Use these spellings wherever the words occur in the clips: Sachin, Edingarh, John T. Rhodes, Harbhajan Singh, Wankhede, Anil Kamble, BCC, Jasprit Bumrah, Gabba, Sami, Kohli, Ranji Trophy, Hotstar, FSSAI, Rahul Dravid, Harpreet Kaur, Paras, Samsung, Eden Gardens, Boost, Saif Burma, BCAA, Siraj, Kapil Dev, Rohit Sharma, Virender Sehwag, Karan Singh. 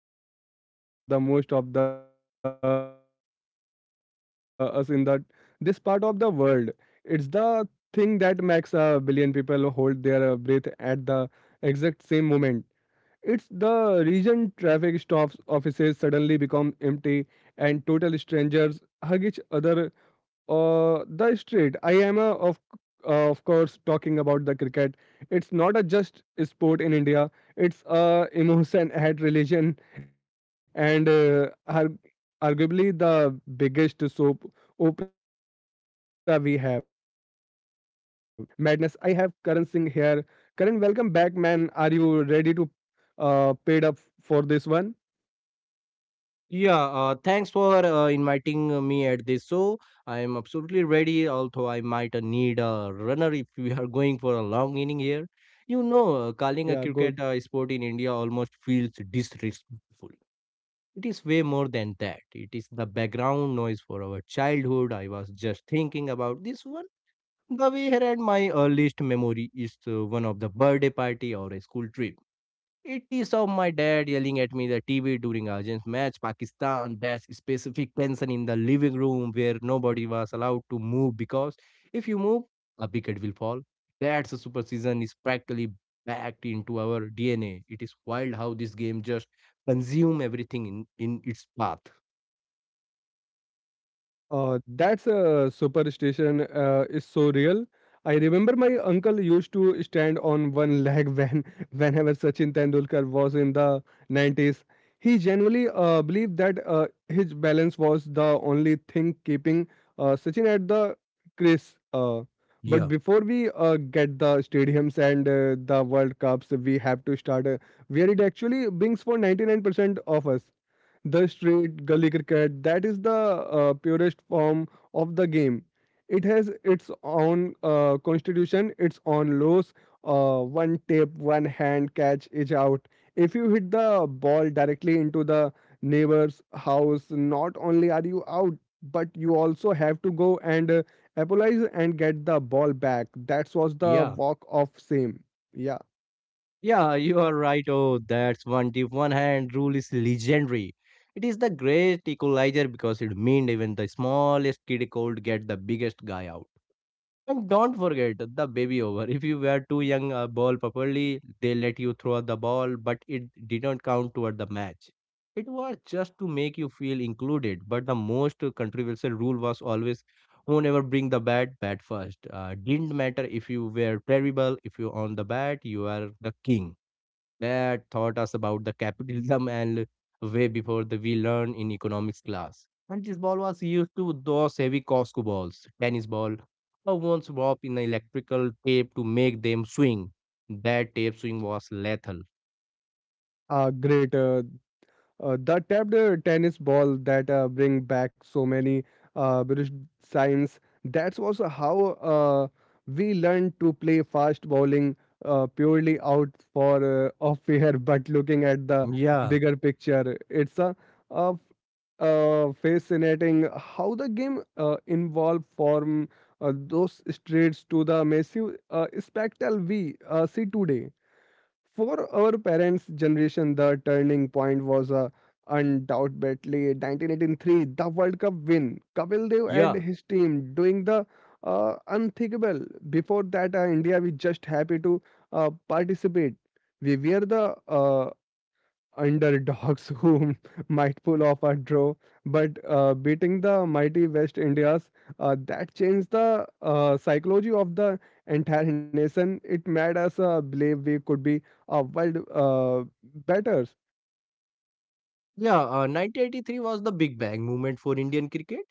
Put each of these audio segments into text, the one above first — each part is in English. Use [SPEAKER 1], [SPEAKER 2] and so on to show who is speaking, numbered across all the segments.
[SPEAKER 1] topic. It feels more like a biological function for the most of the us in the this part of the world. It's the thing that makes a billion people hold their breath at the exact same moment. It's the reason traffic stops, offices suddenly become empty, and total strangers hug each other the street. I am a, of course talking about the cricket. It's not a just sport in India. It's a emotion at religion and arguably the biggest soap opera we have. And to help me unpack this absolute madness, I have Karan Singh here. Karan, welcome back, man. Are you ready to paid up for this one?
[SPEAKER 2] Yeah, thanks for inviting me at this show. I am absolutely ready, although I might need a runner if we are going for a long inning here. You know, calling a
[SPEAKER 1] Yeah,
[SPEAKER 2] cricket
[SPEAKER 1] good.
[SPEAKER 2] sport in India almost feels disrespectful. It is way more than that. It is the background noise for our childhood. I was just thinking about this one. The way here and my earliest memory is one of the birthday party or a school trip it is of my dad yelling at me the TV during Argent match, Pakistan batch, specific tension in the living room where nobody was allowed to move because if you move, a wicket will fall. That's a super season is practically backed into our DNA. It is wild how this game just consume everything in its path.
[SPEAKER 1] That's a superstition is so real. I remember my uncle used to stand on one leg when whenever Sachin Tendulkar was in the 90s. He genuinely believed that his balance was the only thing keeping Sachin at the crease. But
[SPEAKER 2] Yeah.
[SPEAKER 1] before we get the stadiums and the World Cups, we have to start. Where it actually brings for 99% of us. The street gully cricket that is the purest form of the game. It has its own constitution, its own laws. One tap, one hand catch is out. If you hit the ball directly into the neighbor's house, not only are you out, but you also have to go and apologize and get the ball back. That was the
[SPEAKER 2] Yeah.
[SPEAKER 1] walk of same. Yeah,
[SPEAKER 2] Yeah, you are right. Oh, that's one tip. One hand rule is legendary. It is the great equalizer because it meant even the smallest kid could get the biggest guy out. And don't forget the baby over. If you were too young to ball properly, they let you throw the ball, but it didn't count toward the match. It was just to make you feel included. But the most controversial rule was always whoever bring the bat, bat first. Didn't matter if you were terrible. If you own the bat, you are the king that taught us about the capitalism and way before the we learn in economics class. And this ball was used to those heavy Costco balls, tennis ball, or once wrapped in electrical tape to make them swing. That tape swing was lethal.
[SPEAKER 1] great. The tapped tennis ball that bring back so many British signs. That's also how uh, we learned to play fast bowling purely out for off air, but looking at the
[SPEAKER 2] Yeah.
[SPEAKER 1] bigger picture, it's a fascinating how the game involved from those streets to the massive spectacle we see today. For our parents' generation, the turning point was undoubtedly 1983, the World Cup win. Kapil Dev and
[SPEAKER 2] Yeah,
[SPEAKER 1] his team doing the unthinkable. Before that, India we just happy to participate. We were the underdogs who might pull off a draw, but beating the mighty West Indias, that changed the psychology of the entire nation. It made us believe we could be a world better.
[SPEAKER 2] Yeah, 1983 was the big bang moment for Indian cricket.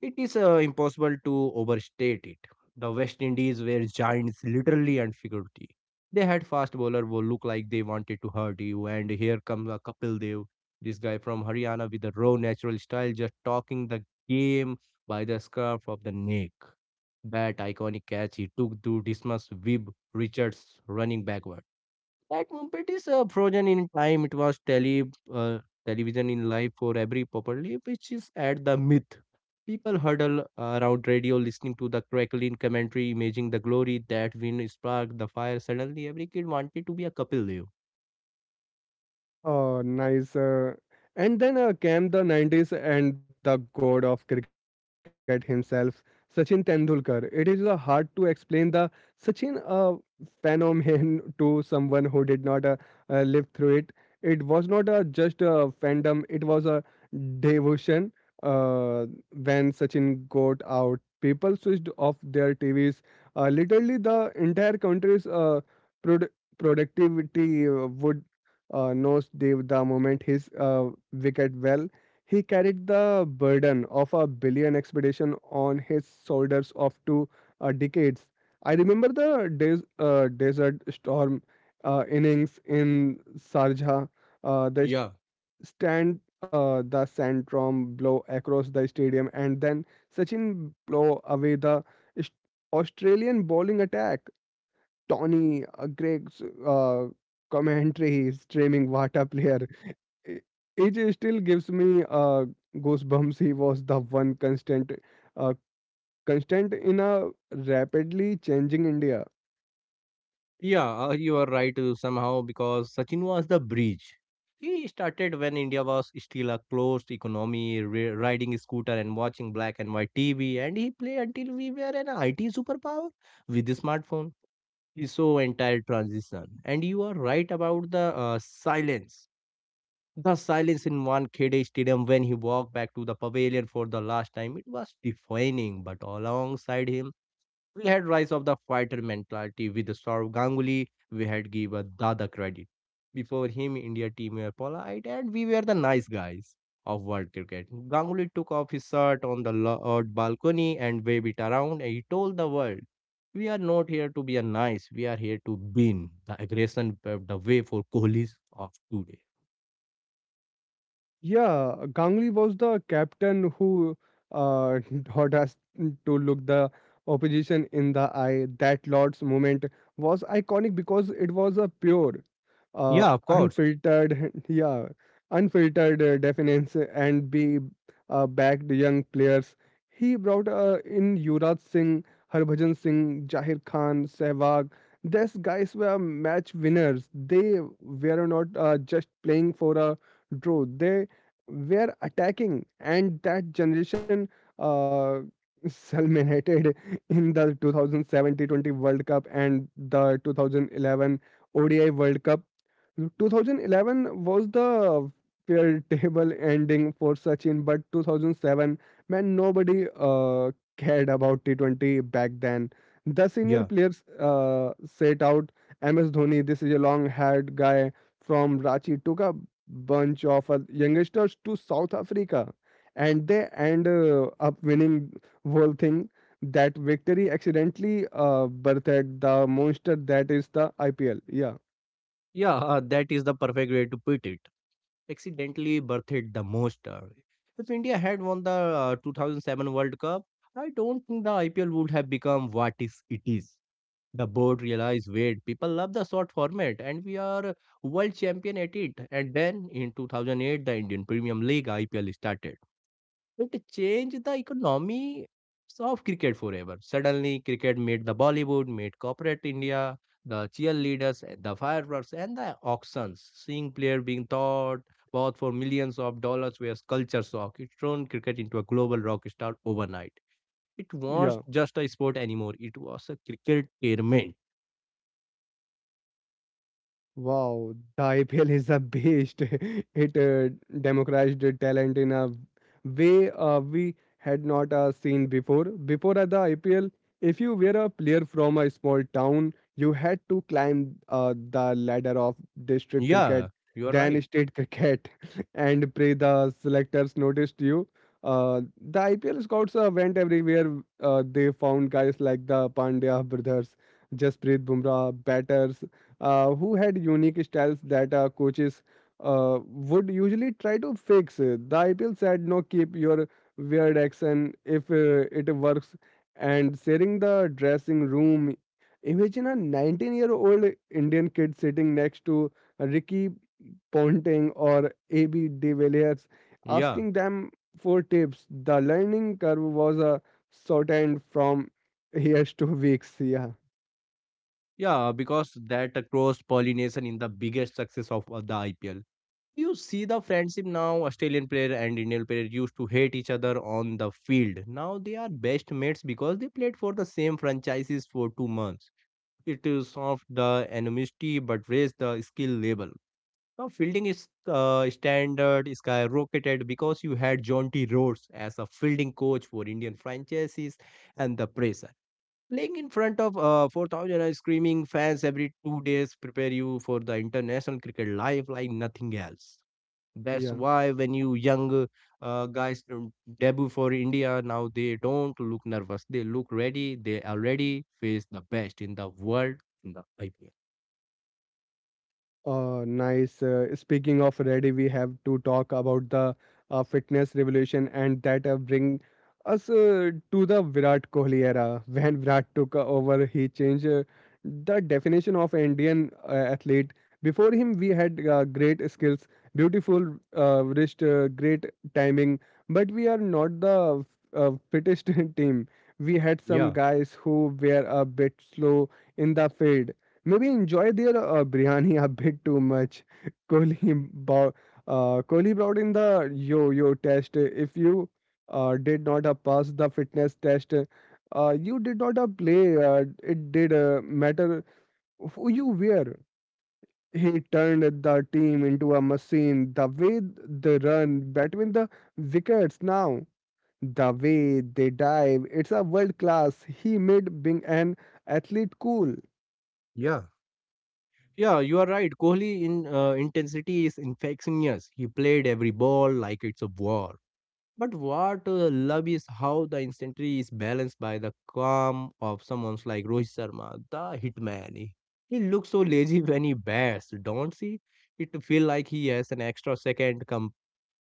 [SPEAKER 2] It is impossible to overstate it. The West Indies were giants, literally and figuratively. They had fast bowler who looked like they wanted to hurt you, and here comes a Kapil Dev, this guy from Haryana with a raw natural style, just talking the game by the scarf of the neck. That iconic catch he took to dismiss Wib Richards running backward that movement is frozen in time. It was uh, television in life for every properly, which is at the myth. People huddle around radio, listening to the crackling commentary, imaging the glory that wind sparked the fire. Suddenly, every kid wanted to be a couple Leo.
[SPEAKER 1] Oh, nice. And then came the 90s and the god of cricket himself, Sachin Tendulkar. It is hard to explain the Sachin phenomenon to someone who did not live through it. It was not just a fandom, it was a devotion. Uh, when Sachin got out, people switched off their TVs. Literally, the entire country's produ- productivity would knows Dev the moment his wicket well. He carried the burden of a billion expedition on his shoulders of two decades. I remember the Desert Storm innings in Sarja. The st-
[SPEAKER 2] Yeah.
[SPEAKER 1] stand the sandstrom blow across the stadium, and then Sachin blow away the Aust- Australian bowling attack. Tony Gregg's commentary streaming Vata player. i- It still gives me goosebumps. He was the one uh, constant in a rapidly changing India.
[SPEAKER 2] Yeah, you are right somehow because Sachin was the bridge. He started when India was still a closed economy, ri riding a scooter and watching black and white TV, and he played until we were an IT superpower with the smartphone. He saw entire transition, and you are right about the silence. The silence in one Khede Stadium when he walked back to the pavilion for the last time, it was defining. But alongside him, we had rise of the fighter mentality with the Saurav Ganguly. We had give a Dada credit. Before him, India team were polite and we were the nice guys of world cricket. Ganguly took off his shirt on the balcony and waved it around and he told the world, we are not here to be a nice, we are here to win. The aggression paved the way for Kohli's of today.
[SPEAKER 1] Yeah, Ganguly was the captain who uh, taught us to look the opposition in the eye. That Lord's moment was iconic because it was a uh,
[SPEAKER 2] Yeah, of course.
[SPEAKER 1] unfiltered, unfiltered defense and be backed young players. He brought in Yuvraj Singh, Harbhajan Singh, Jahir Khan, Sehwag. These guys were match winners. They were not just playing for a draw. They were attacking and that generation uh, culminated in the 2017-20 world cup and the 2011 odi world cup. 2011 was the fair table ending for Sachin, but 2007, man, nobody cared about T20 back then. The senior
[SPEAKER 2] Yeah.
[SPEAKER 1] players set out MS Dhoni, this is a long haired guy, from Rachi took a bunch of youngsters to South Africa, and they end up winning whole thing. That victory accidentally birthed the monster that is the IPL. Yeah,
[SPEAKER 2] Yeah, that is the perfect way to put it. Accidentally birthed the most. If India had won the 2007 World Cup, I don't think the IPL would have become what is it is. The board realized, wait, people love the short format and we are world champion at it. And then in 2008, the Indian Premium League IPL started. It changed the economy of cricket forever. Suddenly, cricket made the Bollywood, made corporate India, the cheerleaders, eh, the fireworks, and the auctions. Seeing player being thought bought for millions of dollars was culture shock. It turned cricket into a global rock star overnight. It
[SPEAKER 1] yeah.
[SPEAKER 2] was not just a sport anymore. It was a cricket tournament.
[SPEAKER 1] Wow, the IPL is the best. It democratized the talent in a way we had not seen before. Before the IPL, if you were a player from a small town, you had to climb the ladder of district cricket,
[SPEAKER 2] Yeah, you are
[SPEAKER 1] then
[SPEAKER 2] right.
[SPEAKER 1] state cricket, and pray the selectors noticed you. Uh, the IPL scouts went everywhere. They found guys like the Pandya brothers, Jasprit Bumrah, batters who had unique styles that coaches would usually try to fix. The IPL said, no, keep your weird action if it works. And sharing the dressing room, imagine a 19-year-old Indian kid sitting next to Ricky Ponting or AB de Villiers
[SPEAKER 2] Yeah,
[SPEAKER 1] asking them for tips. The learning curve was shortened from years to weeks. Yeah,
[SPEAKER 2] yeah, because that cross pollination in the biggest success of the IPL. You see the friendship now. Australian player and Indian player used to hate each other on the field. Now they are best mates because they played for the same franchises for 2 months. It is soft the animosity but raised the skill level. Now fielding is standard skyrocketed because you had John T. Rhodes as a fielding coach for Indian franchises and the pressure. Playing in front of 4,000 and screaming fans every 2 days prepare you for the international cricket life like nothing else. That's
[SPEAKER 1] yeah.
[SPEAKER 2] why when you young guys debut for India, now they don't look nervous. They look ready. They already face the best in the world in the IPL.
[SPEAKER 1] Nice. Speaking of ready, we have to talk about the fitness revolution, and that bring us to the Virat Kohli era. When Virat took over, he changed the definition of Indian athlete. Before him, we had great skills, beautiful wrist, great timing, but we are not the fittest team. We had some
[SPEAKER 2] Yeah,
[SPEAKER 1] guys who were a bit slow in the field. Maybe enjoy their biryani a bit too much. Kohli bought, Kohli brought in the yo-yo test. If you did not pass the fitness test, you did not play. It did matter who you were. He turned the team into a machine. The way they run between the wickets now, the way they dive, it's a world class. He made being an athlete cool.
[SPEAKER 2] yeah, Yeah, you are right. Kohli in intensity is infectious. He played every ball like it's a war. But what love is how the instantly is balanced by the calm of someone's like Rohit Sharma, the hitman. He looks so lazy when he bats, don't see? It feel like he has an extra second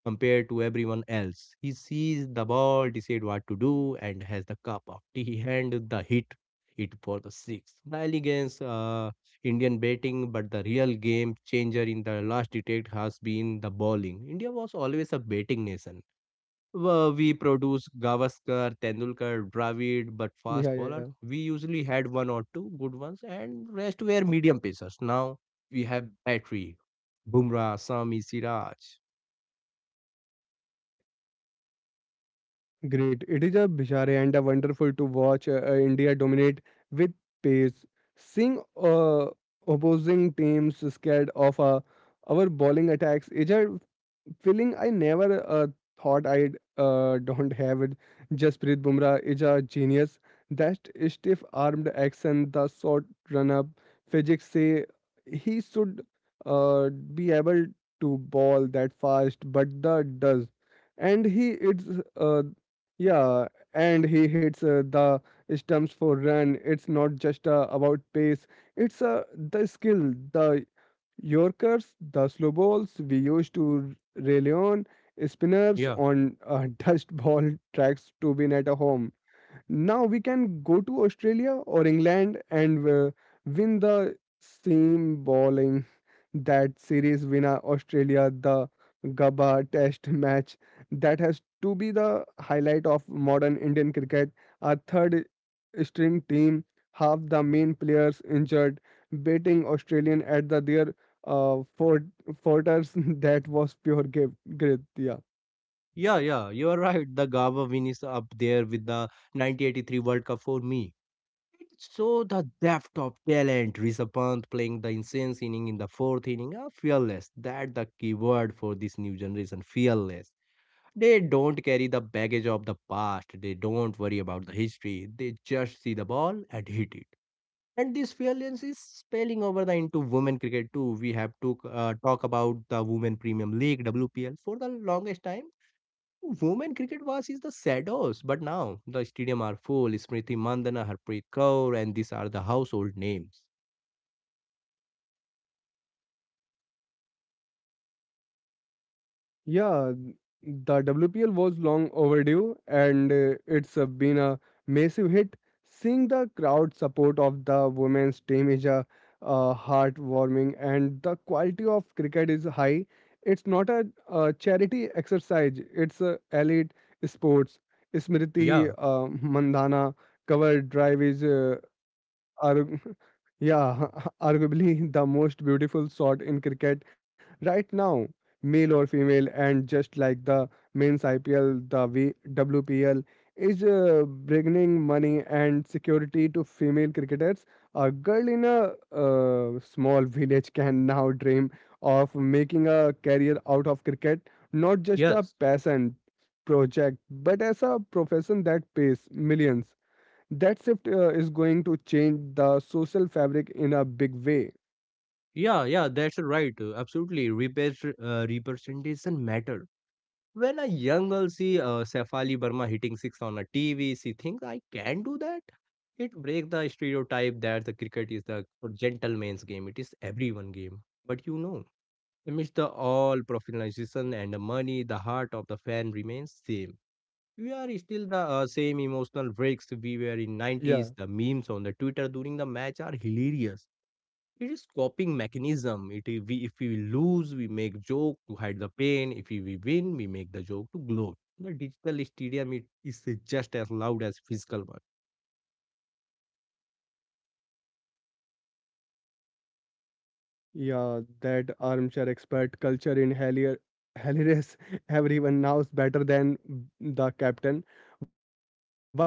[SPEAKER 2] compared to everyone else. He sees the ball, decide what to do, and has the cup of tea and the hit it for the six. Nile against Indian batting, but the real game changer in the last decade has been the bowling. India was always a batting nation were we produce Gavaskar, Tendulkar, Dravid, but fast bowler.
[SPEAKER 1] Yeah, yeah.
[SPEAKER 2] We usually had one or two good ones, and rest were medium pacers. Now we have Battery, Bumrah, Sami, Siraj.
[SPEAKER 1] Great. It is a bizarre and a wonderful to watch India dominate with pace. Seeing opposing teams scared of our bowling attacks is a feeling I never thought I'd don't have it. Jasprit Bumrah is a genius. That stiff-armed action, the short run-up, physics say he should be able to ball that fast, but the does, and uh, yeah, and he hits the stumps for run. It's not just about pace. It's the skill, the Yorkers, the slow balls we used to rely on, spinners
[SPEAKER 2] Yeah,
[SPEAKER 1] on dust ball tracks to win at a home. Now we can go to Australia or England and win the same bowling that series winner Australia, the Gabba Test match. That has to be the highlight of modern Indian cricket. Our third string team, half the main players injured, beating Australian at the their uh, fort, forters. That was pure gift. Grit. Yeah.
[SPEAKER 2] yeah, yeah. You are right. The Gava win is up there with the 1983 World Cup for me. So the depth of talent, Rishabh Pant playing the insane inning in the fourth inning, are fearless. That the key word for this new generation, fearless. They don't carry the baggage of the past. They don't worry about the history. They just see the ball and hit it. And this violence is spilling over the into women cricket too. We have to talk about the Women Premium League WPL for the longest time. Women cricket was is the shadows, but now the stadium are full. Smriti Mandana, Harpreet Kaur, and these are the household names.
[SPEAKER 1] Yeah, the WPL was long overdue and it's been a massive hit. Seeing the crowd support of the women's team is a heartwarming and the quality of cricket is high. It's not a, charity exercise, it's a elite sports. Smriti
[SPEAKER 2] Yeah,
[SPEAKER 1] Mandhana cover drive is Arg- yeah, arguably the most beautiful shot in cricket right now, male or female, and just like the men's IPL, the WPL is bringing money and security to female cricketers. A girl in a small village can now dream of making a career out of cricket, not just a
[SPEAKER 2] yes.
[SPEAKER 1] passion project, but as a profession that pays millions. That shift is going to change the social fabric in a big way.
[SPEAKER 2] Yeah, yeah, that's right. Absolutely, representation matter. When a young girl see Saif Burma hitting six on a TV, she thinks I can do that. It breaks the stereotype that the cricket is the gentleman's game. It is everyone game. But you know, amidst the all professionalization and the money, the heart of the fan remains same. We are still the same emotional breaks we were in
[SPEAKER 1] Yeah,
[SPEAKER 2] 90s. The memes on the Twitter during the match are hilarious. It is coping mechanism. We, if we lose, we make joke to hide the pain. If we win, we make the joke to gloat. The digital hysteria is just as loud as physical one.
[SPEAKER 1] Yeah, that armchair expert culture in Hellier, Helios, everyone knows better than the captain.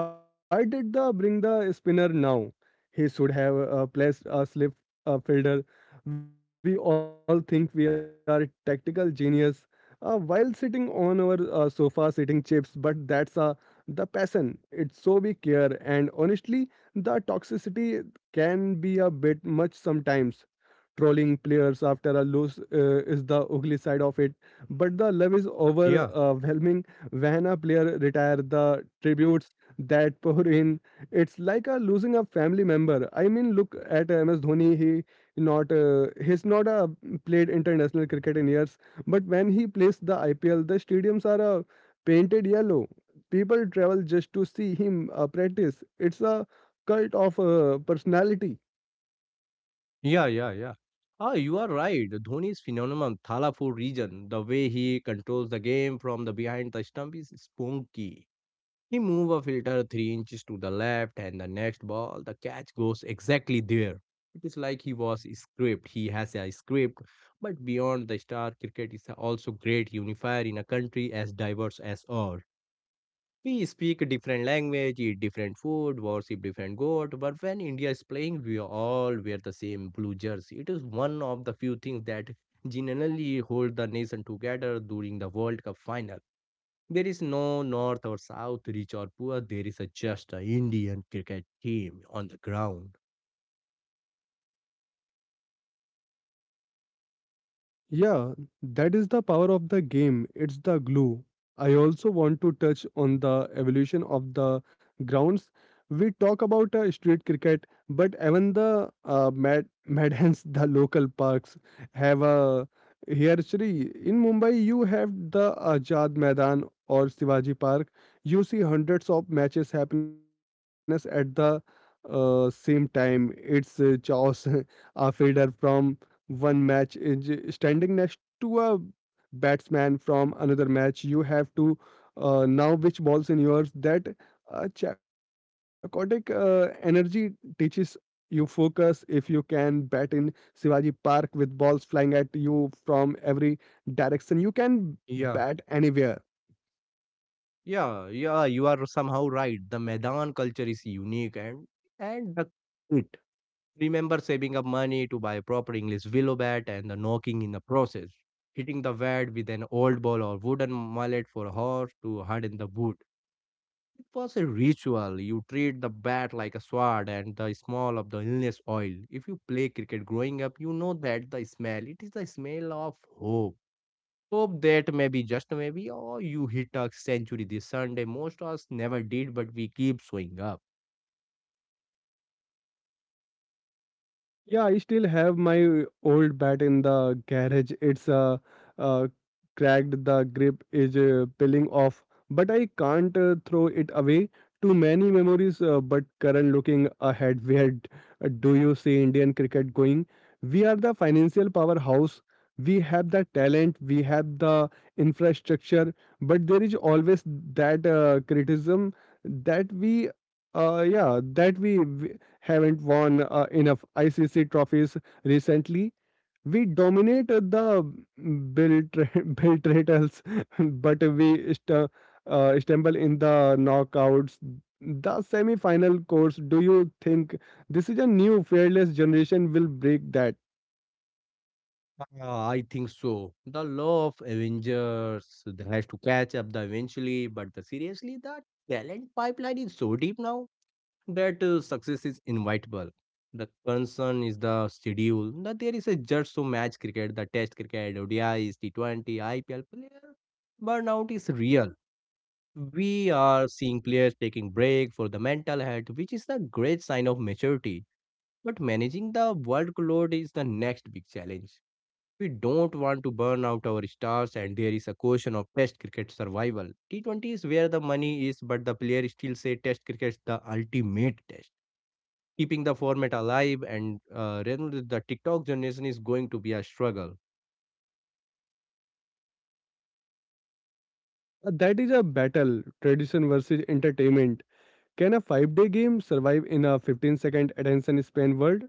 [SPEAKER 1] Why did the bring the spinner now? He should have placed a slip fielder. We all think we are tactical genius while sitting on our sofa sitting chips, but that's the passion. It's so we care, and honestly, the toxicity can be a bit much sometimes. Trolling players after a loss is the ugly side of it, but the love is
[SPEAKER 2] Yeah,
[SPEAKER 1] overwhelming when a player retire the tributes that pour in. It's like a losing a family member. I mean, look at MS Dhoni. He's not played international cricket in years, but when he plays the IPL, the stadiums are painted yellow. People travel just to see him practice. It's a cult of personality.
[SPEAKER 2] yeah, yeah, yeah. Ah, you are right. Dhoni's phenomenon, Thalapur region, the way he controls the game from the behind the stump is spunky. He move a filter 3 inches to the left, and the next ball, the catch goes exactly there. It is like he was a script. He has a script, but beyond the star, cricket is also great unifier in a country as diverse as ours. We speak a different language, eat different food, worship different god, but when India is playing, we all wear the same blue jersey. It is one of the few things that generally hold the nation together during the World Cup final. There is no north or south, rich or poor. There is a just a Indian cricket team on the ground.
[SPEAKER 1] Yeah, that is the power of the game. It's the glue. I also want to touch on the evolution of the grounds. We talk about street cricket, but even the mad madhans, the local parks have a history. In Mumbai, you have the Ajad Maidan or Shivaji Park. You see hundreds of matches happiness at the same time. It's chaos. A fielder from one match is standing next to a batsman from another match. You have to now which balls in yours. That chaotic energy teaches you focus. If you can bat in Shivaji Park with balls flying at you from every direction, you can bat
[SPEAKER 2] Yeah,
[SPEAKER 1] anywhere.
[SPEAKER 2] yeah, yeah, you are somehow right. The Maidan culture is unique and the it. Remember saving up money to buy a proper English willow bat and the knocking in the process. Hitting the bat with an old ball or wooden mallet for a horse to harden the wood. It was a ritual. You treat the bat like a sword and the smell of the illness oil. If you play cricket growing up, you know that the smell. It is the smell of hope. Hope that maybe, just maybe, or you hit a century this Sunday. Most of us never did, but we keep showing up.
[SPEAKER 1] Yeah, I still have my old bat in the garage. It's uh cracked. The grip is peeling off, but I can't throw it away. Too many memories. But current looking ahead, do you see Indian cricket going? We are the financial powerhouse. We have the talent. We have the infrastructure. But there is always that criticism that we, yeah, that we. We haven't won enough ICC trophies recently. We dominate the Biltratals, but we stumble in the knockouts. The semi-final course. Do you think this is a new fearless generation will break that?
[SPEAKER 2] Ah, I think so. The law of Avengers that has to catch up the eventually, but the, seriously, the talent pipeline is so deep now. That success is inevitable. The concern is the schedule. Now there is a just so match cricket, the Test cricket, O D is T20, IPL player burnout is real. We are seeing players taking break for the mental health, which is the great sign of maturity. But managing the workload is the next big challenge. We don't want to burn out our stars, and there is a question of Test cricket survival. T20 is where the money is, but the player still say Test cricket is the ultimate test keeping the format alive and Renu, the TikTok generation is going to be a struggle.
[SPEAKER 1] That is a battle, tradition versus entertainment. Can a five-day game survive in a 15-second attention span world?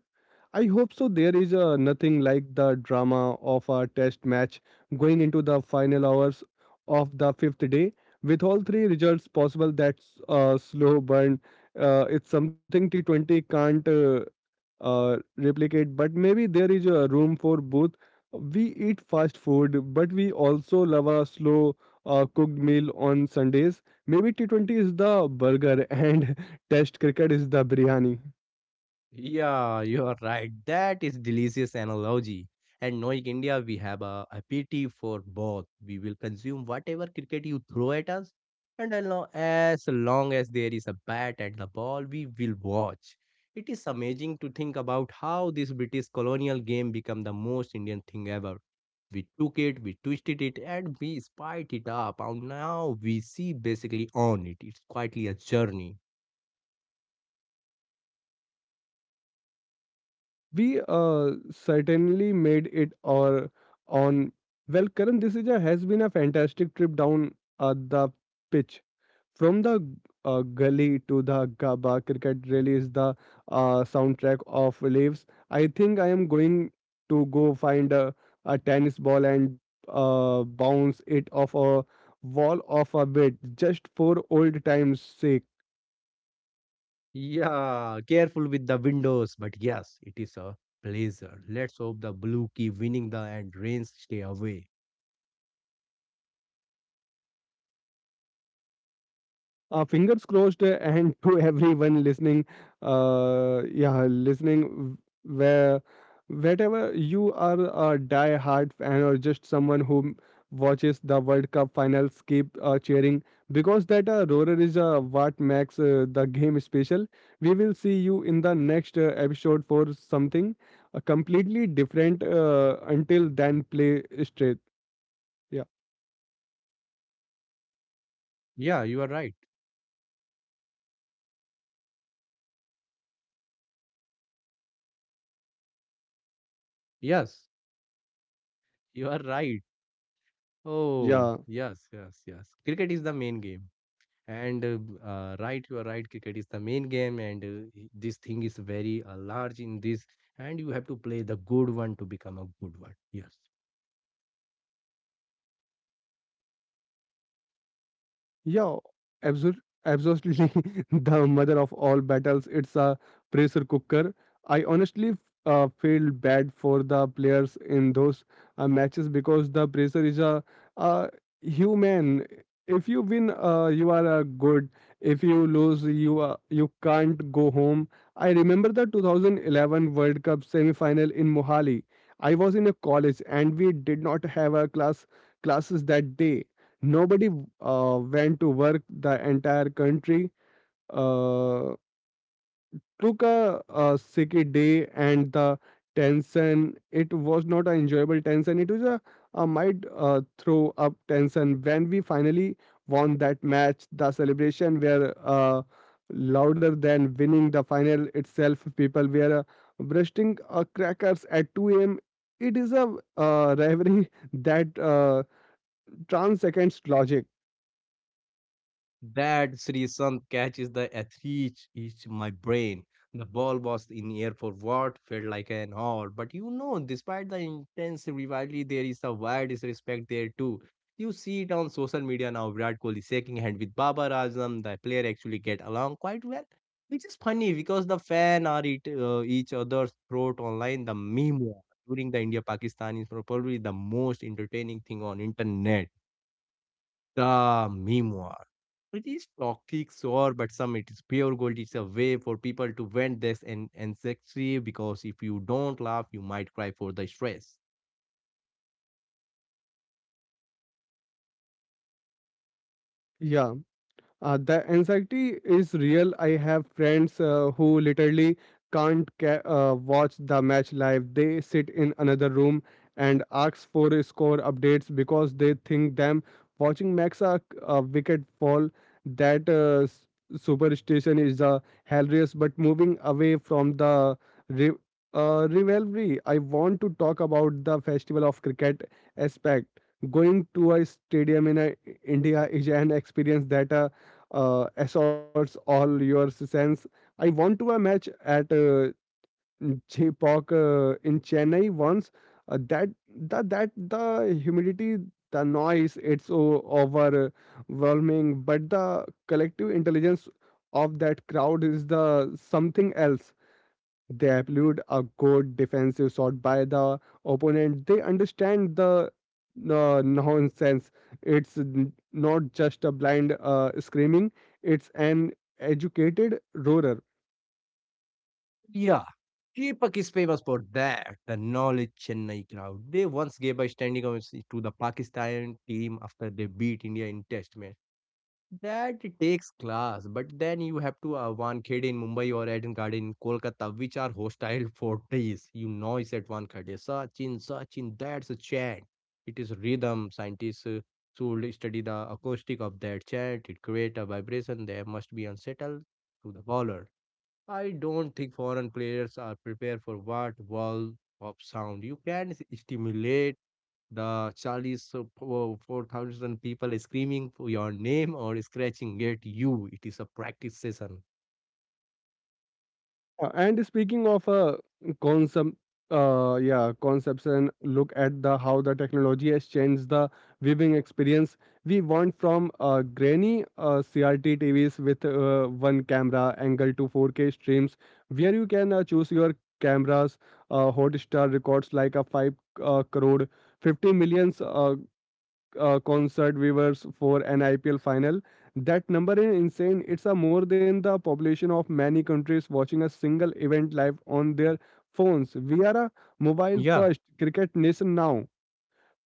[SPEAKER 1] I hope so. There is nothing like the drama of a test match going into the final hours of the fifth day. With all three results possible, that's a slow burn. It's something T20 can't replicate, but maybe there is a room for both. We eat fast food, but we also love a slow cooked meal on Sundays. Maybe T20 is the burger and test cricket is the biryani.
[SPEAKER 2] Yeah, you are right. That is delicious analogy. And knowing India, we have a appetite for both. We will consume whatever cricket you throw at us, and as long as long as there is a bat and the ball, we will watch. It is amazing to think about how this British colonial game became the most Indian thing ever. We took it, we twisted it, and we spiked it up. And now we see basically on it. It's quietly a journey.
[SPEAKER 1] We certainly made it or on. Well, Karan, this has been a fantastic trip down the pitch, from the gully to the Gaba. Cricket really is the soundtrack of lives. I think I am going to go find a tennis ball and bounce it off a wall of a bed, just for old times sake.
[SPEAKER 2] Yeah, careful with the windows, but yes, it is a pleasure. Let's hope the blue key winning the and rains stay away.
[SPEAKER 1] Fingers crossed. And to everyone listening, uh yeah listening w- where wherever you are, a die hard fan or just someone who watches the world cup finals, keep cheering, because that roarer is what makes the game special. We will see you in the next episode for something completely different. Until then, play straight. Yeah.
[SPEAKER 2] Yeah, you are right. Yes, you are right. Oh,
[SPEAKER 1] Yeah.
[SPEAKER 2] yes, yes, yes. Cricket is the main game. Right, you are right. Cricket is the main game, and this thing is very large in this, and you have to play the good one to become a good one. Yes.
[SPEAKER 1] Yeah, absolutely, absolutely. The mother of all battles. It's a pressure cooker. I honestly feel bad for the players in those matches, because the pressure is uh human. If you win, you are good. If you lose, you can't go home. I remember the 2011 World Cup semi-final in Mohali. I was in a college and we did not have a class classes that day. Nobody went to work. The entire country uh, took a sick day, and the tension. It was not an enjoyable tension. It was a might throw up tension. When we finally won that match, the celebration were louder than winning the final itself. People were bursting crackers at 2 a.m. It is a rivalry that transcends logic.
[SPEAKER 2] That Sri Sun catches the athlete is my brain. The ball was in air for what felt like an hour. But you know, despite the intense rivalry, there is a wide disrespect there too. You see it on social media now. Virat Kohli shaking hand with Babar Azam. The player actually get along quite well, which is funny because the fan are it, each other's throat online. The meme war during the India Pakistan is probably the most entertaining thing on internet. The memoir. It is toxic, sure, but some it is pure gold. It's a way for people to vent this and ancestry because if you don't laugh, you might cry for the stress.
[SPEAKER 1] Yeah. The anxiety is real. I have friends who literally can't watch the match live. They sit in another room and ask for score updates because they think them watching Maxa a wicket fall. That superstition is hilarious, but moving away from the re- rivalry, I want to talk about the festival of cricket aspect. Going to a stadium in India is an experience that assaults all your sense. I went to a match at Jaypok in Chennai once. That the humidity, the noise, it's overwhelming. But the collective intelligence of that crowd is the something else. They applied a good defensive shot by the opponent. They understand the nonsense. It's not just a blind screaming, it's an educated roarer.
[SPEAKER 2] Yeah, Deepak is famous for that. The knowledge Chennai crowd. They once gave a standing ovation to the Pakistan team after they beat India in Test match. That takes class, but then you have to Wankhede in Mumbai or Edingarh in Kolkata, which are hostile forties. You know it's at Wankhede. Sachin, Sachin, that's a chant. It is rhythm. Scientists should study the acoustic of that chant. It creates a vibration that must be unsettled to the bowler. I don't think foreign players are prepared for what wall of sound. You can stimulate the Charlie's 4,000 people is screaming for your name or scratching at you. It is a practice session.
[SPEAKER 1] And speaking of concept, yeah, concepts, and look at the how the technology has changed the viewing experience. We went from grainy CRT TVs with one camera angle to 4K streams, where you can choose your cameras. Hotstar records like a five crore, 50 millions concert viewers for an IPL final. That number is insane. It's a more than the population of many countries watching a single event live on their phones. We are a mobile
[SPEAKER 2] Yeah,
[SPEAKER 1] first cricket nation now.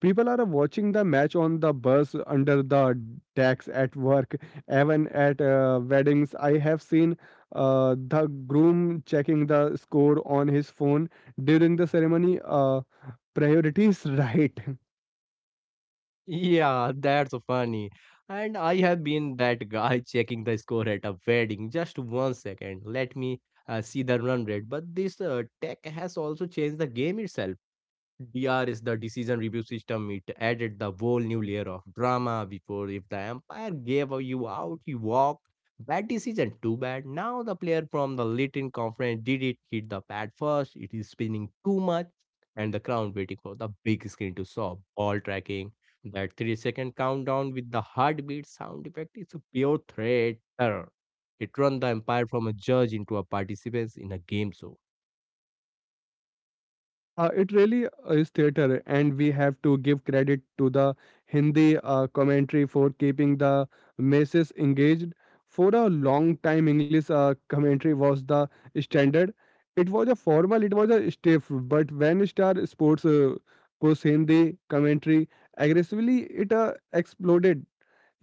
[SPEAKER 1] People are watching the match on the bus, under the decks, at work, even at weddings. I have seen the groom checking the score on his phone during the ceremony. Priorities, right?
[SPEAKER 2] yeah, that's so funny. And I have been that guy checking the score at a wedding. Just 1 second, let me see the run rate. But this tech has also changed the game itself. D R is the decision review system. It added the whole new layer of drama before. If the umpire gave you out, you walked. Bad decision, too bad. Now the player from the Litton conference did it, hit the pad first. It is spinning too much, and the crowd waiting for the big screen to solve. Ball tracking, that 3 second countdown with the heartbeat sound effect is a pure threat. Error. It turned the umpire from a judge into a participant in a game show.
[SPEAKER 1] It really is theater, and we have to give credit to the Hindi commentary for keeping the masses engaged. For a long time, English commentary was the standard. It was a formal, it was a stiff, but when Star Sports push Hindi commentary aggressively, it exploded.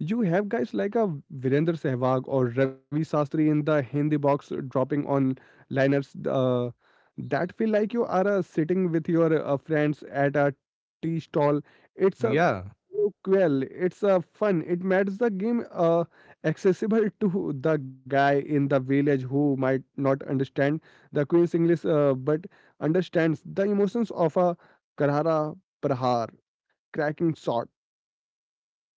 [SPEAKER 1] You have guys like a Virender Sehwag or Ravi Sastry in the Hindi box dropping on liners that feel like you are sitting with your friends at a tea stall. It's a
[SPEAKER 2] Yeah,
[SPEAKER 1] Well, it's a fun. It makes the game accessible to the guy in the village who might not understand the Queen's English but understands the emotions of a Karhara Prahar cracking shot.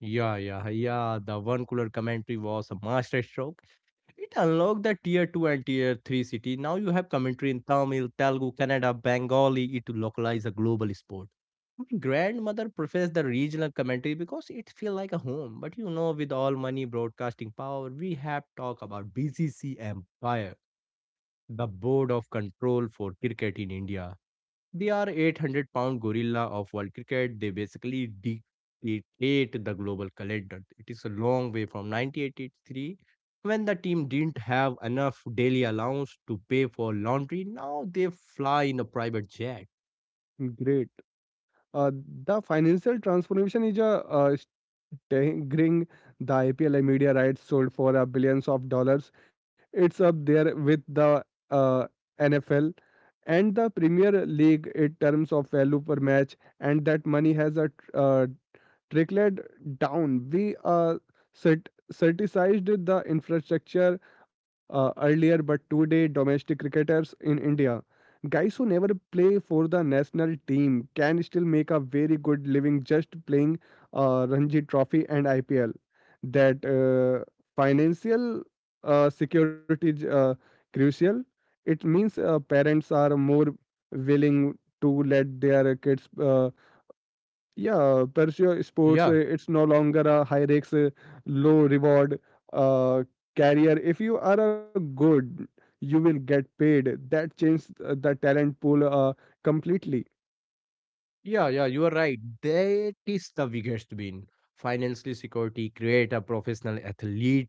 [SPEAKER 2] yeah. The one cooler commentary was a masterstroke. It unlocked the tier 2 and tier 3 city. Now you have commentary in Tamil, Telugu, Kannada, Bengali It to a global sport. My grandmother prefers the regional commentary because it feels like a home. But you know, with all money broadcasting power, we have talk about BCC Empire, the board of control for cricket in India. They are 800 pound gorilla of world cricket. They basically dictate the global calendar. It is a long way from 1983 when the team didn't have enough daily allowance to pay for laundry. Now they fly in a private jet.
[SPEAKER 1] Great. Uh, the financial transformation is a staggering. The IPL media rights sold for a billions of dollars. It's up there with the uh, NFL and the Premier League in terms of value per match, and that money has trickled down. We cert criticized the infrastructure earlier, but today domestic cricketers in India, guys who never play for the national team, can still make a very good living just playing Ranji Trophy and IPL. That financial security is crucial. It means parents are more willing to let their kids. Yeah, pursue sports. uh,
[SPEAKER 2] Yeah.
[SPEAKER 1] It's no longer a high risk, low reward uh, career. If you are a good, you will get paid. That changed the talent pool completely.
[SPEAKER 2] Yeah, yeah, you are right. That is the biggest win. Financial security create a professional athlete.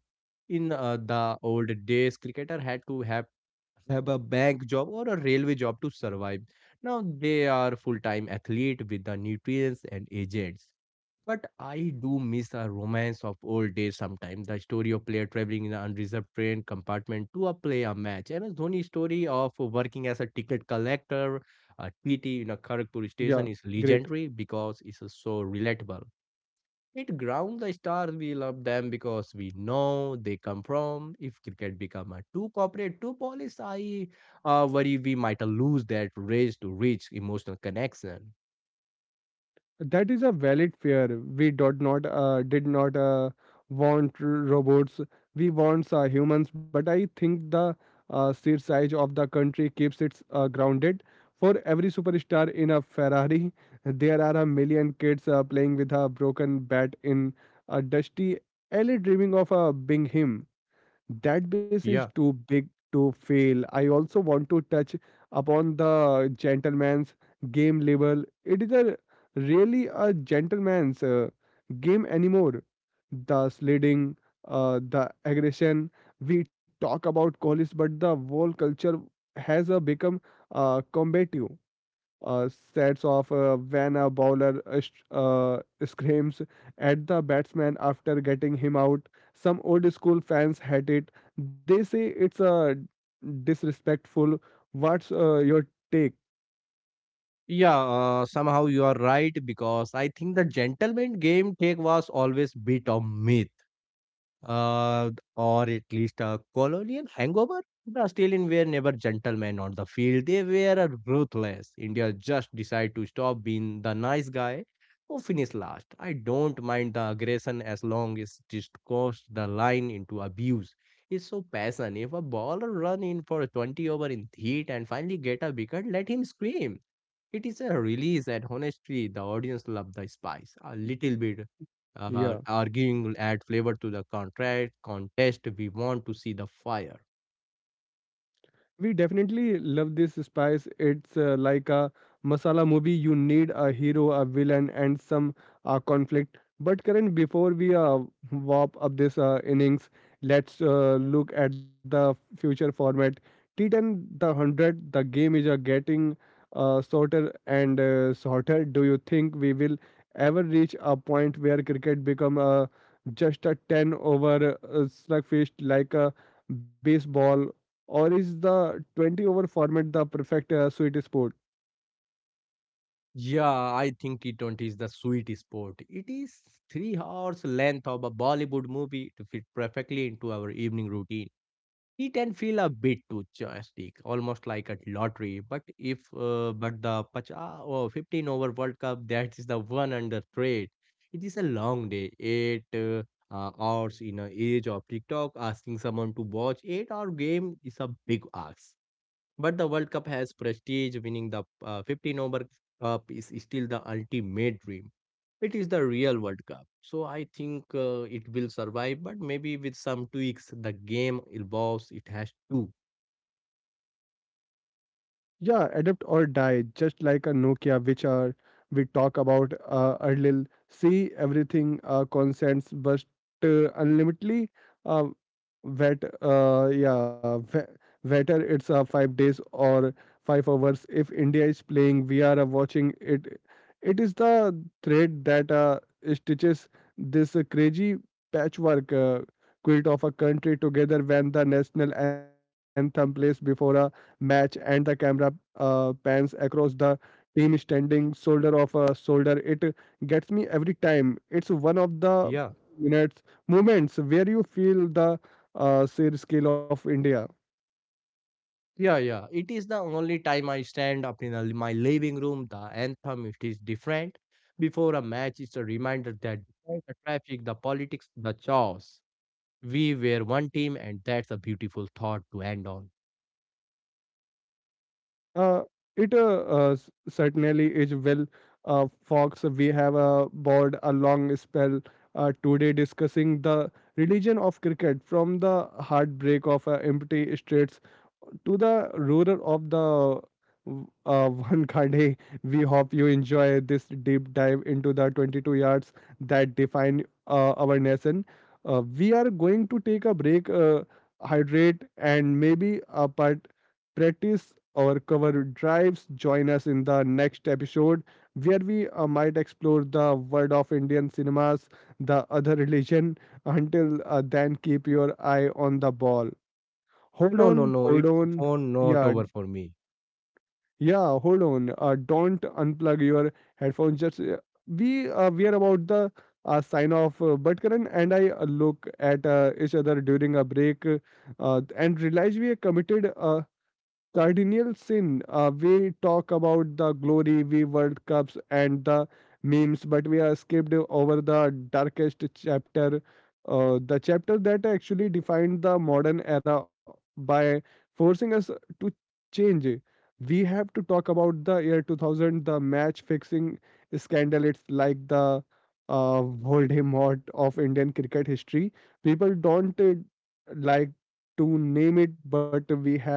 [SPEAKER 2] In the old days, cricketer had to have a bank job or a railway job to survive. Now they are full-time athlete with the nutrients and agents. But I do miss the romance of old days sometimes. The story of player traveling in an unreserved train compartment to a play a match. MS Dhoni's story of working as a ticket collector, a TT in a
[SPEAKER 1] Yeah,
[SPEAKER 2] Kharagpur station is
[SPEAKER 1] great.
[SPEAKER 2] legendary because it's so relatable. It grounds the stars we love them because we know they come from. If cricket become a too corporate, too polished, I worry we might lose that race to reach emotional connection.
[SPEAKER 1] That is a valid fear. We did not want robots. We want humans. But I think the sheer size of the country keeps it grounded. For every superstar in a Ferrari, there are a million kids playing with a broken bat in a dusty alley, dreaming of being him. That base is
[SPEAKER 2] Yeah.
[SPEAKER 1] too big to fail. I also want to touch upon the gentleman's game label. It is a really a gentleman's game anymore. The sliding, the aggression. We talk about Kohli's, but the whole culture has become combative sets off when a bowler screams at the batsman after getting him out. Some old school fans hate it. They say it's a disrespectful. What's your take?
[SPEAKER 2] Yeah, somehow you are right because I think the gentleman game take was always bit of myth uh, or at least a colonial hangover. The Australians were never gentlemen on the field. They were a ruthless. India just decided to stop being the nice guy who finished last. I don't mind the aggression as long as it just crossed the line into abuse. It's so passion. If a bowler run in for a 20 over in heat and finally get a wicket, let him scream. It is a release and honestly the audience love the spice. A little bit
[SPEAKER 1] Yeah.
[SPEAKER 2] arguing will add flavor to the contract contest. We want to see the fire.
[SPEAKER 1] We definitely love this spice. It's like a masala movie. You need a hero, a villain, and some conflict. But Karan, before we wrap up this innings, let's look at the future format. T10, the 100, the game is getting shorter and shorter. Do you think we will ever reach a point where cricket become just a 10 over slugfest like a baseball, or is the 20 over format the perfect sweet spot?
[SPEAKER 2] Yeah, I think T20 is the sweet spot. It is 3 hours length of a Bollywood movie to fit perfectly into our evening routine. It can feel a bit too joystick, almost like a lottery. But if but the pacha or 15 over World Cup, that is the one under threat. It is a long day, eight hours in an age of TikTok. Asking someone to watch 8 hour game is a big ask. But the World Cup has prestige, winning the 15 over cup is still the ultimate dream. It is the real World Cup. So I think it will survive, but maybe with some tweaks, the game evolves. It has to.
[SPEAKER 1] Yeah, adapt or die, just like a Nokia, which are we talk about earlier. See everything consents, but unlimitedly uh, wet. Wetter. It's 5 days or 5 hours. If India is playing, we are watching it. It is the thread that stitches this crazy patchwork quilt of a country together. When the national anthem plays before a match and the camera pans across the team standing shoulder of a shoulder, it gets me every time. It's one of the
[SPEAKER 2] Yeah.
[SPEAKER 1] minutes moments where you feel the sheer scale of India.
[SPEAKER 2] Yeah, yeah. It is the only time I stand up in a, my living room. The anthem it is different. Before a match, it's a reminder that despite the traffic, the politics, the chaos, we were one team, and that's a beautiful thought to end on.
[SPEAKER 1] Uh, it certainly is. Well, Fox, we have board a long spell today discussing the religion of cricket, from the heartbreak of empty streets to the ruler of the uh, Vankhade. We hope you enjoy this deep dive into the 22 yards that define our nation. We are going to take a break, hydrate, and maybe a part practice or cover drives. Join us in the next episode where we might explore the world of Indian cinemas, the other religion. Until then, keep your eye on the ball. Hold
[SPEAKER 2] No, no,
[SPEAKER 1] on,
[SPEAKER 2] no.
[SPEAKER 1] hold
[SPEAKER 2] It's
[SPEAKER 1] on.
[SPEAKER 2] phone not
[SPEAKER 1] Yeah,
[SPEAKER 2] over for me.
[SPEAKER 1] yeah, hold on. Don't unplug your headphones. Just we are about the sign off. But Karan and I look at each other during a break and realize we are committed. Cardinal sin. We talk about the glory, we World Cups and the memes, but we are skipped over the darkest chapter, the chapter that actually defined the modern era by forcing us to change. We have to talk about the year 2000, the match fixing scandal. It's like the Voldemort of Indian cricket history. People don't like to name it, but we have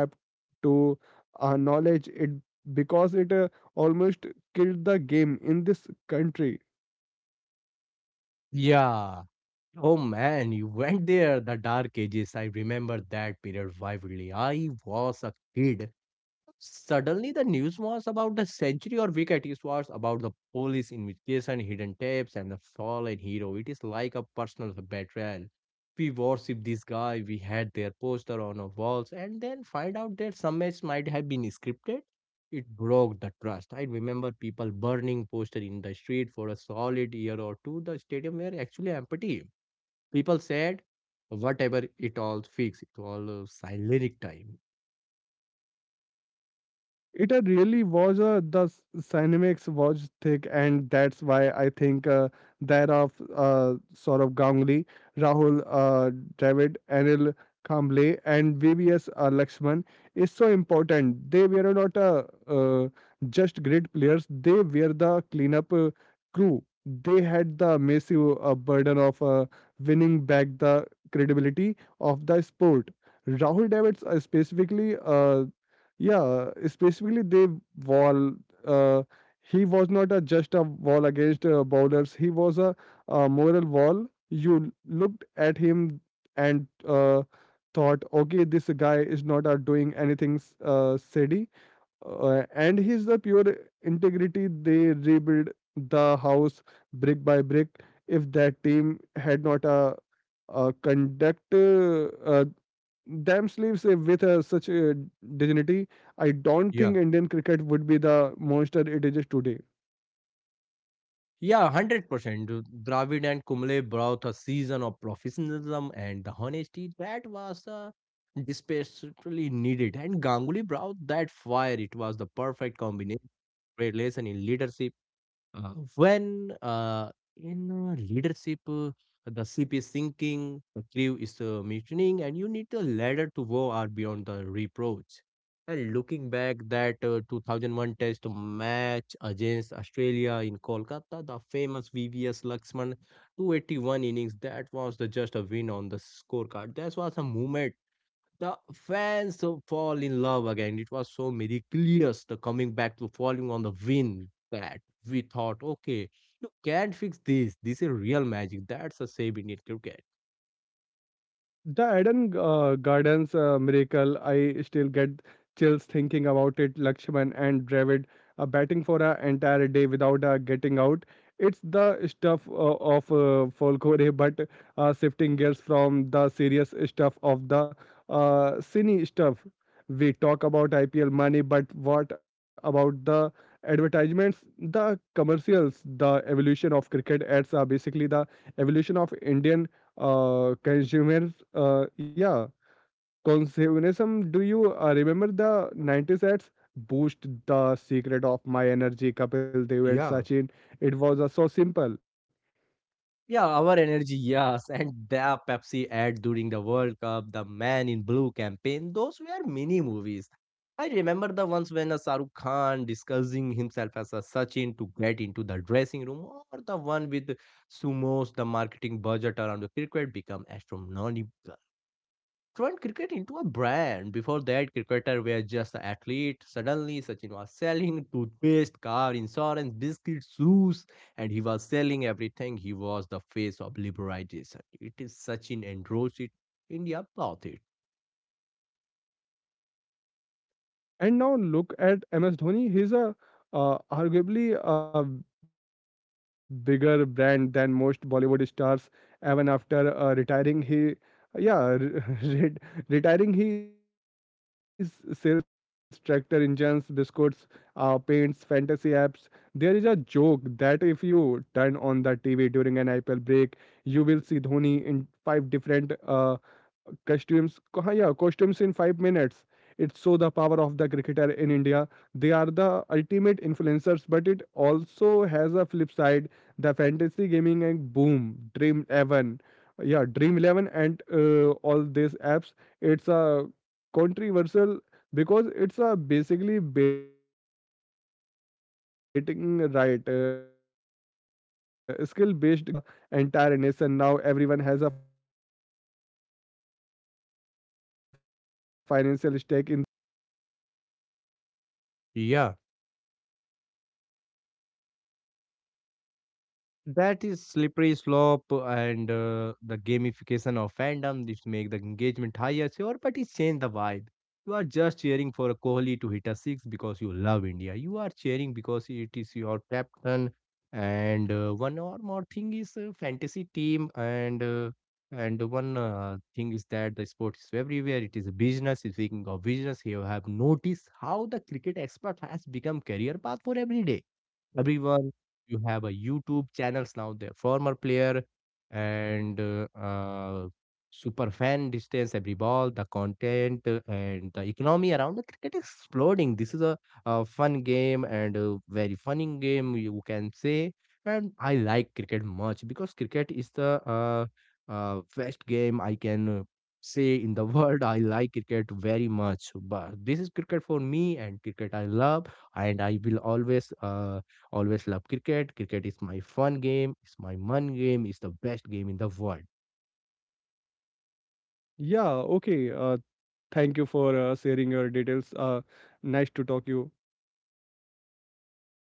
[SPEAKER 1] to knowledge it because it almost killed the game in this country.
[SPEAKER 2] Yeah. Oh man, you went there, the dark ages. I remember that period vividly. I was a kid. Suddenly, the news was about the century or wicket. It was about the police investigation, hidden tapes, and the fallen hero. It is like a personal betrayal. We worship this guy, we had their poster on our walls, and then find out that some match might have been scripted. It broke the trust. I remember people burning poster in the street for a solid year or two. The stadium were actually empty. People said, whatever, it all fixed. It all silenic time.
[SPEAKER 1] It really was the cinematics was thick, and that's why I think that of Saurabh Ganguly, Rahul Dravid, Anil Kamble, and VBS Lakshman is so important. They were not just great players; they were the cleanup crew. They had the massive burden of winning back the credibility of the sport. Rahul David's specifically, they wall. Uh, he was not just a wall against bowlers. He was a moral wall. You looked at him and thought, okay, this guy is not doing anything shady. And he's the pure integrity. They rebuild the house brick by brick. If that team had not conduct them sleeves with such dignity, I don't
[SPEAKER 2] Yeah
[SPEAKER 1] think Indian cricket would be the monster it is today.
[SPEAKER 2] Yeah, 100%. Dravid and Kumble brought a season of professionalism and the honesty that was desperately needed. And Ganguly brought that fire. It was the perfect combination. Great lesson in leadership when in leadership the ship is sinking the crew is mutinying and you need a ladder to go are beyond the reproach and looking back that 2001 test match against australia in kolkata the famous vvs laxman 281 innings that was the just a win on the scorecard that was a moment the fans so fall in love again. It was so miraculous the coming back to falling on the wind that we thought, okay, you can't fix this. This is real magic. That's a save Indian cricket.
[SPEAKER 1] The Eden Gardens miracle, I still get chills thinking about it. Lakshman and Dravid batting for an entire day without getting out. It's the stuff of folklore, but shifting gears from the serious stuff of the cine stuff. We talk about IPL money, but what about the advertisements, the commercials, the evolution of cricket ads are basically the evolution of Indian uh, consumers. Uh, yeah, consumerism. Do you remember the 90s ads? Boost the secret of my energy, Kapil Dev and
[SPEAKER 2] Yeah,
[SPEAKER 1] Sachin. It was so simple.
[SPEAKER 2] Yeah, our energy, yes. And the Pepsi ad during the World Cup, the Man in Blue campaign, those were mini movies. I remember the ones when a Shahrukh Khan discussing himself as a Sachin to get into the dressing room, or the one with Sumos, the marketing budget around the cricket become astronomical turned cricket into a brand. Before that, cricketer were just an athlete. Suddenly, Sachin was selling toothpaste, car, insurance, biscuits, shoes, and he was selling everything. He was the face of liberalization. It is Sachin endorsed it. India bought it.
[SPEAKER 1] And now look at MS Dhoni. He's a arguably a bigger brand than most Bollywood stars. Even after retiring, he yeah re- re- retiring his sells tractor engines, biscuits, paints, fantasy apps. There is a joke that if you turn on the TV during an IPL break, you will see Dhoni in five different costumes costumes in 5 minutes. It's so the power of the cricketer in india, they are the ultimate influencers, but it also has a flip side, the fantasy gaming and boom, dream 11 yeah dream 11 and all these apps. It's a controversial because it's a basically betting, right? Skill based gaming they call it, but it has hooked the entire nation. Now everyone has a financial stake in the match, not just an emotional one.
[SPEAKER 2] Yeah. That is slippery slope and the gamification of fandom. This make the engagement higher, sure, but it change the vibe. You are just cheering for a Kohli to hit a six because you love India. You are cheering because it is your captain. And one or more thing is fantasy team, and one thing is that the sport is everywhere. It is a business. Speaking of business, you have noticed how the cricket expert has become career path for every day everyone you have a youtube channels now the former player and super fan distance every ball the content and the economy around the cricket is exploding this is a fun game and a very funny game you can say and I like cricket much because cricket is the best game I can say in the world I like cricket very much but this is cricket for me and cricket I love and I will always Always love cricket. Cricket is my fun game. It's my fun game. It's the best game in the world.
[SPEAKER 1] Yeah, okay. Thank you for sharing your details. Nice to talk you.